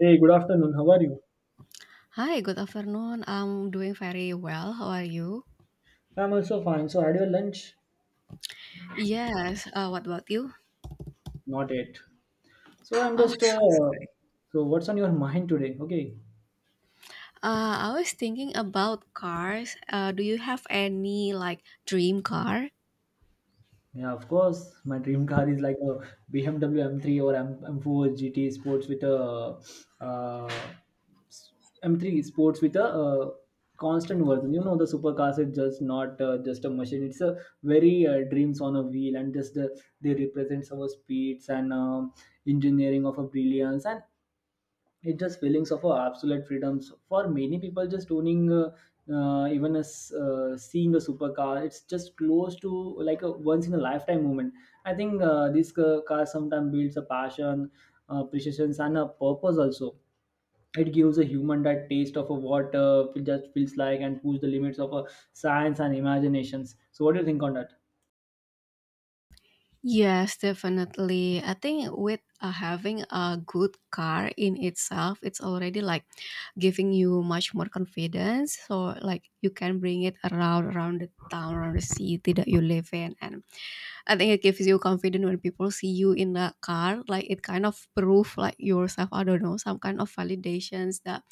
Hey, good afternoon. How are you? Hi, good afternoon. I'm doing very well. How are you? I'm also fine. So, had your lunch? Yes, what about you? Not yet. So, I'm Oh, just. So, what's on your mind today? Okay. uh, I was thinking about cars. Do you have any like dream car? Yeah, of course. My dream car is like a BMW M3 or M4 GT Sports with a uh, s- M3 Sports with a constant version. You know, the supercars is just not just a machine. It's a very dreams on a wheel, and just they represents our speeds and engineering of a brilliance, and it's just feelings of absolute freedoms for many people just owning, seeing a supercar, it's just close to like a once in a lifetime moment. I think this car sometimes builds a passion, appreciation and a purpose also. It gives a human that taste of a what it just feels like and push the limits of science and imaginations. So what do you think on that? Yes, definitely. I think with having a good car in itself, it's already like giving you much more confidence. So like you can bring it around the town, around the city that you live in, and I think it gives you confidence when people see you in the car. Like it kind of proof like yourself. I don't know, some kind of validations that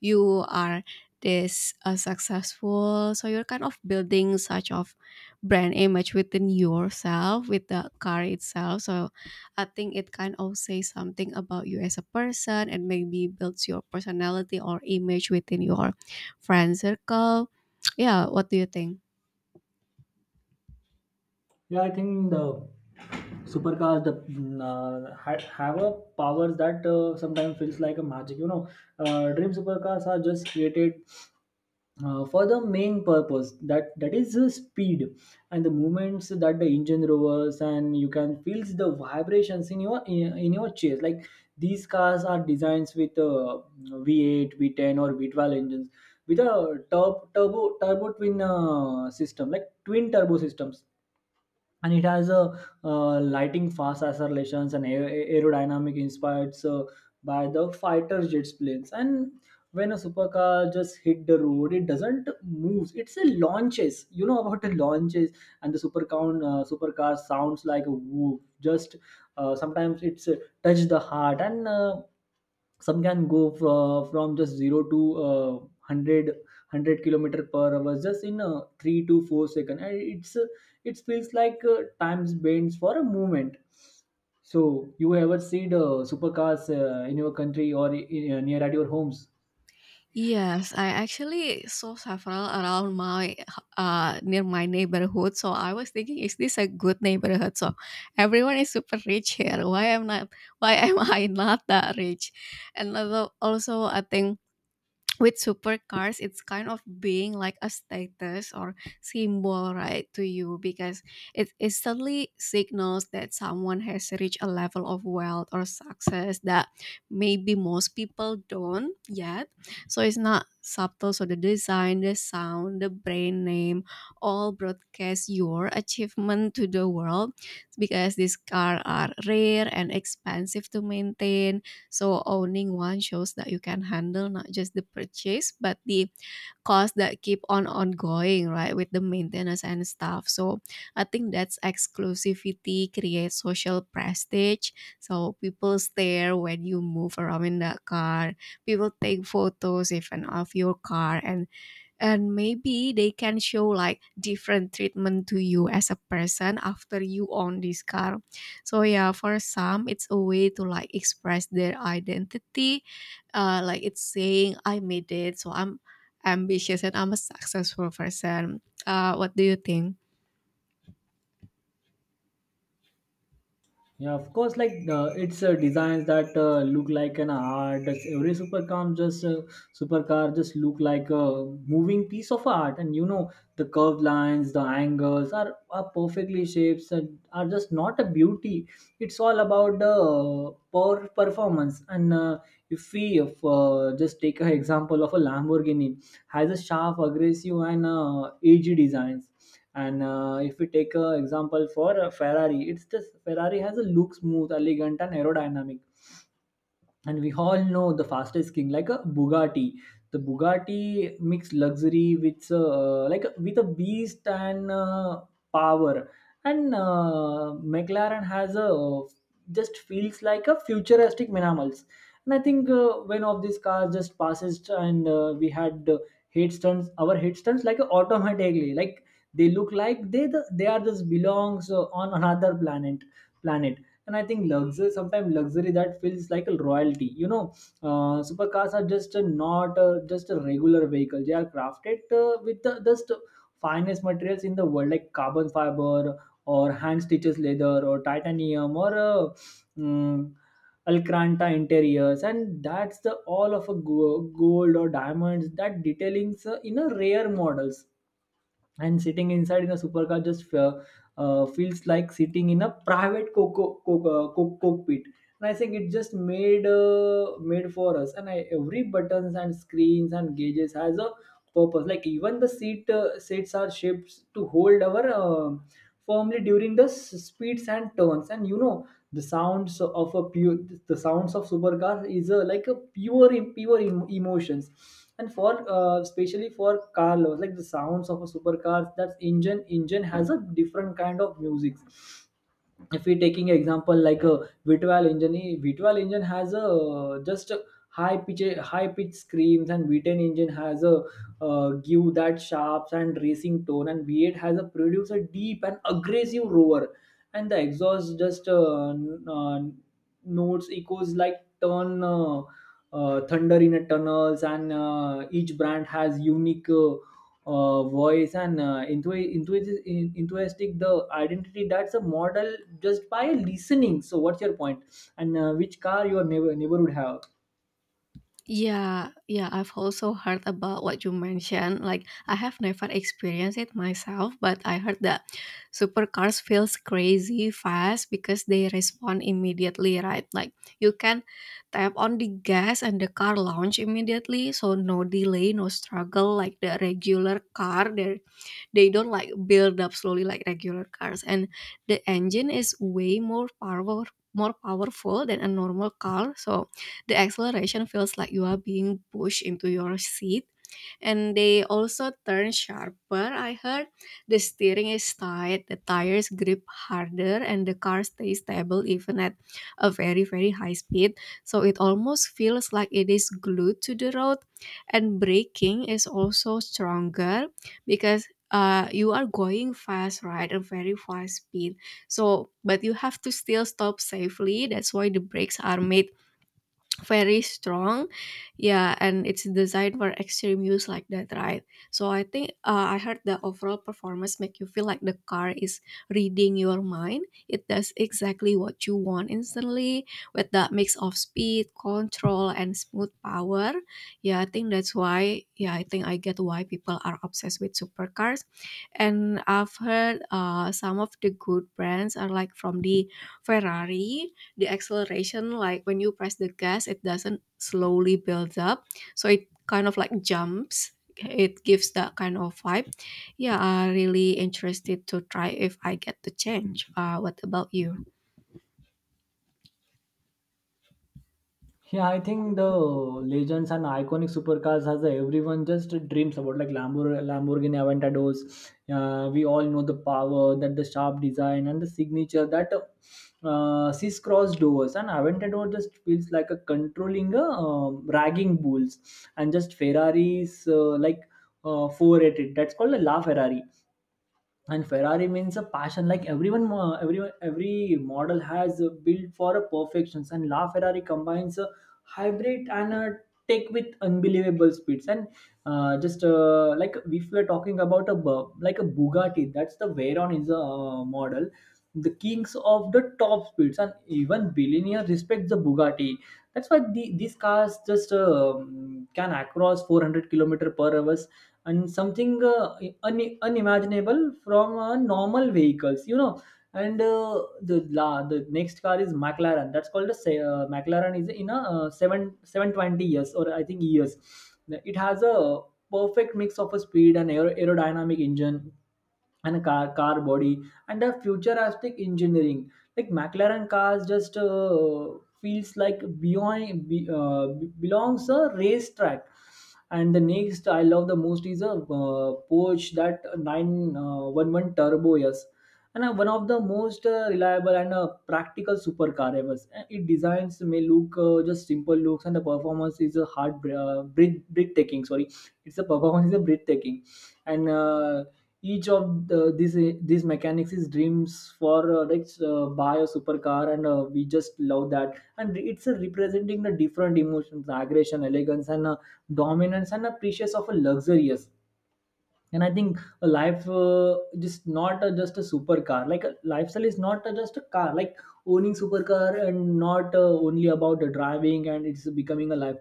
you are this successful. So you're kind of building such of brand image within yourself with the car itself. So I think it kind of says something about you as a person and maybe builds your personality or image within your friend circle. Yeah, what do you think? Yeah, I think the supercars the have a powers that sometimes feels like a magic. You know, dream supercars are just created for the main purpose that is speed and the movements that the engine rovers, and you can feel the vibrations in your in your chest. Like these cars are designs with V8, V10, or V12 engines with a turbo twin system, like twin turbo systems, and it has a lighting fast accelerations and aerodynamic, inspired by the fighter jets planes. And when a supercar just hit the road, it doesn't move, it's a launches. You know about the launches. And the supercar sounds like a whoop. Just sometimes it's touch the heart. And some can go from just 0 to 100 kilometer per hour just in 3 to 4 second, and it feels like time's bends for a moment. So you ever see the supercars in your country or near at your homes? Yes, I actually saw several around my near my neighborhood. So I was thinking, is this a good neighborhood? So everyone is super rich here. Why am not? Why am I not that rich? And also I think with supercars it's kind of being like a status or symbol, right, to you, because it instantly signals that someone has reached a level of wealth or success that maybe most people don't yet. So it's not subtle. So the design, the sound, the brand name, all broadcast your achievement to the world. Because these cars are rare and expensive to maintain, so owning one shows that you can handle not just the purchase but the costs that keep on ongoing, right, with the maintenance and stuff. So I think that's exclusivity creates social prestige. So people stare when you move around in that car. People take photos even of your car, and maybe they can show like different treatment to you as a person after you own this car. So yeah, for some it's a way to like express their identity. Uh, like it's saying I made it, so I'm ambitious and I'm a successful person. Uh, what do you think? Yeah, of course, like it's designs that look like an art. That's every supercar just look like a moving piece of art, and you know, the curved lines, the angles are perfectly shapes and are just not a beauty. It's all about the performance. And if we if, just take an example of a Lamborghini, has a sharp, aggressive, and edgy designs. And if we take an example for Ferrari, it's just Ferrari has a look smooth, elegant, and aerodynamic. And we all know the fastest king, like a Bugatti. The Bugatti mixed luxury with with a beast and power. And McLaren has a just feels like a futuristic minimals. And I think when of these cars just passes, and we had head stunts our head stunts like automatically, like they look like they are just belongs on another planet. And I think luxury, sometimes luxury that feels like a royalty, you know. Supercars are just a, not a, just a regular vehicle. They are crafted with the just finest materials in the world, like carbon fiber or hand stitches leather or titanium or mm, Alcranta interiors, and that's the all of a gold or diamonds that detailings in a rare models. And sitting inside in a supercar just feels like sitting in a private cockpit. And I think it just made for us, and every buttons and screens and gauges has a purpose, like even the seats are shaped to hold our firmly during the speeds and turns. And you know, the sounds of a pure the sounds of supercar is a, like a pure emotions. And for especially for car lovers, like the sounds of a supercar, that engine has a different kind of music. If we taking example like a V12 engine has a just a high pitch screams, and V10 engine has a give that sharps and racing tone, and V8 has a produce a deep and aggressive roar. And the exhaust just notes echoes like turn thunder in a tunnels. And each brand has unique voice and enthusiastic the identity that's a model just by listening. So what's your point? And which car your neighbor would have? Yeah, yeah, I've also heard about what you mentioned. Like, I have never experienced it myself, but I heard that supercars feels crazy fast because they respond immediately, right? Like, you can tap on the gas and the car launch immediately, so no delay, no struggle like the regular car. There they don't like build up slowly like regular cars, and the engine is way more powerful than a normal car, so the acceleration feels like you are being pushed into your seat. And they also turn sharper. I heard the steering is tight, the tires grip harder, and the car stays stable even at a very, very high speed. So it almost feels like it is glued to the road. And braking is also stronger, because you are going fast, right? A very fast speed. So, but you have to still stop safely. That's why the brakes are made very strong. Yeah, and it's designed for extreme use like that, right? So I think I heard the overall performance make you feel like the car is reading your mind. It does exactly what you want instantly, with that mix of speed control and smooth power. Yeah, I think that's why. Yeah, I think I get why people are obsessed with supercars. And I've heard some of the good brands are like from the Ferrari. The acceleration, like when you press the gas, it doesn't slowly build up, so it kind of like jumps. It gives that kind of vibe. Yeah, I really interested to try if I get the change. What about you? Yeah, I think the legends and iconic supercars has a everyone just dreams about like Lamborghini Aventadors. We all know the power, that the sharp design and the signature that crisscross doors, and Aventador just feels like a controlling a ragging bulls. And just Ferraris 480, that's called a La Ferrari. And Ferrari means a passion, like everyone, every model has built for a perfections, and La Ferrari combines a hybrid and a tech with unbelievable speeds. And just like if we're talking about a Bugatti, that's the Veyron is a model, the kings of the top speeds, and even billionaire respects the Bugatti. That's why these cars just can across 400 kilometer per hour, and something unimaginable from normal vehicles, you know. And the next car is McLaren, that's called a McLaren is in a 7 720 years, or I think years. It has a perfect mix of a speed and aerodynamic engine, and a car body, and a futuristic engineering. Like McLaren cars just feels like beyond belongs a racetrack. And the next I love the most is a Porsche, that 911 turbo, yes. And one of the most reliable and practical supercar ever. It designs may look just simple looks, and the performance is a breathtaking. Sorry, it's a performance is a breathtaking. And each of these mechanics is dreams for buy a supercar, and we just love that. And it's representing the different emotions, aggression, elegance, and dominance, and a precious of a luxurious. And I think a life just not a, just a supercar, like a lifestyle is not a, just a car. Like owning supercar and not only about the driving, and it's becoming a life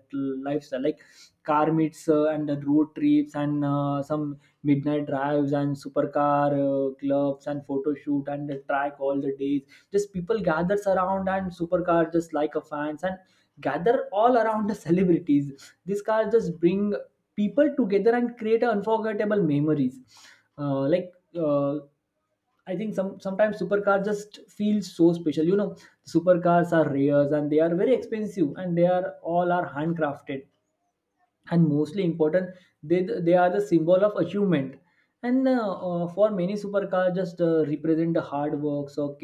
lifestyle, like car meets, and the road trips, and some midnight drives, and supercar clubs, and photo shoot, and the track all the days, just people gathers around, and supercar just like a fans and gather all around the celebrities, this car just bring people together and create unforgettable memories. Uh, like uh, I think sometimes supercars just feel so special. You know, supercars are rare, and they are very expensive, and they are all are handcrafted, and mostly important, they are the symbol of achievement. And for many supercars, just represent the hard work, so,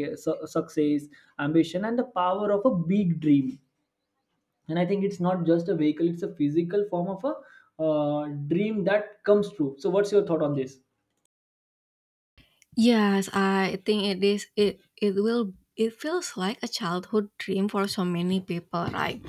success, ambition, and the power of a big dream. And I think it's not just a vehicle, it's a physical form of a uh, dream that comes true. So what's your thought on this? Yes, I think it is it feels like a childhood dream for so many people, right?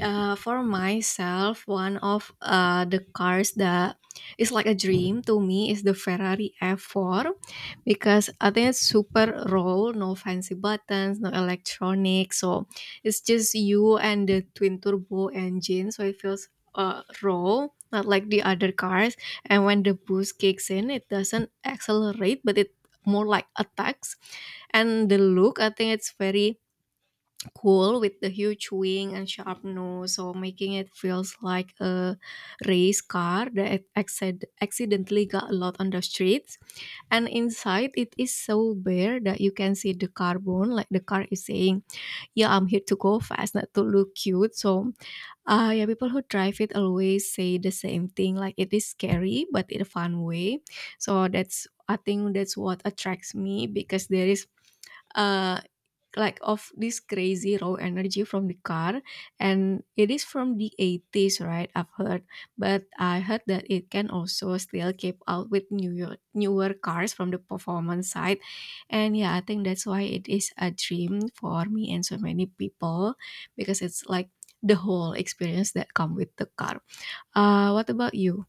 For myself, one of the cars that is like a dream to me is the Ferrari F4, because I think it's super raw, no fancy buttons, no electronics, so it's just you and the twin turbo engine, so it feels raw, not like the other cars. And when the boost kicks in, it doesn't accelerate, but it more like attacks. And the look, I think it's very cool, with the huge wing and sharp nose, so making it feels like a race car that accidentally got a lot on the streets. And inside it is so bare that you can see the carbon, like the car is saying, yeah, I'm here to go fast, not to look cute. So yeah, people who drive it always say the same thing, like it is scary, but in a fun way. So that's I think that's what attracts me, because there is uh like of this crazy raw energy from the car. And it is from the 80s, right, I've heard. But I heard that it can also still keep out with newer cars from the performance side. And yeah, I think that's why it is a dream for me and so many people, because it's like the whole experience that come with the car. What about you?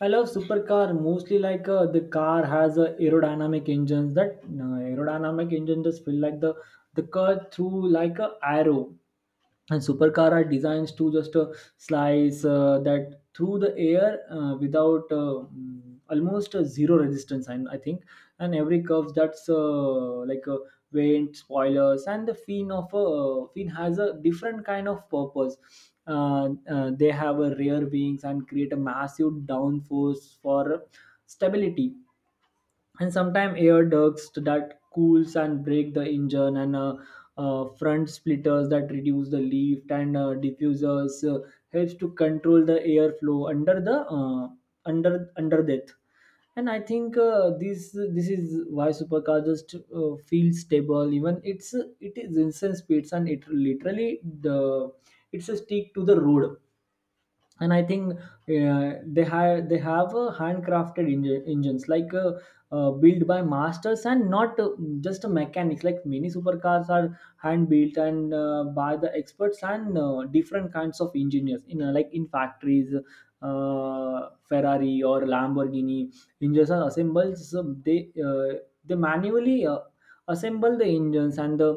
I love supercar mostly like the car has a aerodynamic engines, that aerodynamic engine just feel like the car through like a arrow. And supercar are designed to just slice that through the air without almost zero resistance. And I think, and every curve that's like a vent, spoilers, and the fin of a fin has a different kind of purpose. They have a rear wings and create a massive downforce for stability, and sometimes air ducts that cools and break the engine. And front splitters that reduce the lift, and diffusers helps to control the airflow under the under under that. And I think this is why supercar just feels stable, even it is insane speeds, and it literally the it's a stick to the road. And I think uh, they have handcrafted engines, like built by masters and not just a mechanics. Like many supercars are hand built, and by the experts, and different kinds of engineers in in factories, Ferrari or Lamborghini engines are assembled, so they manually assemble the engines, and the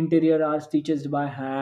interior are stitched by hand.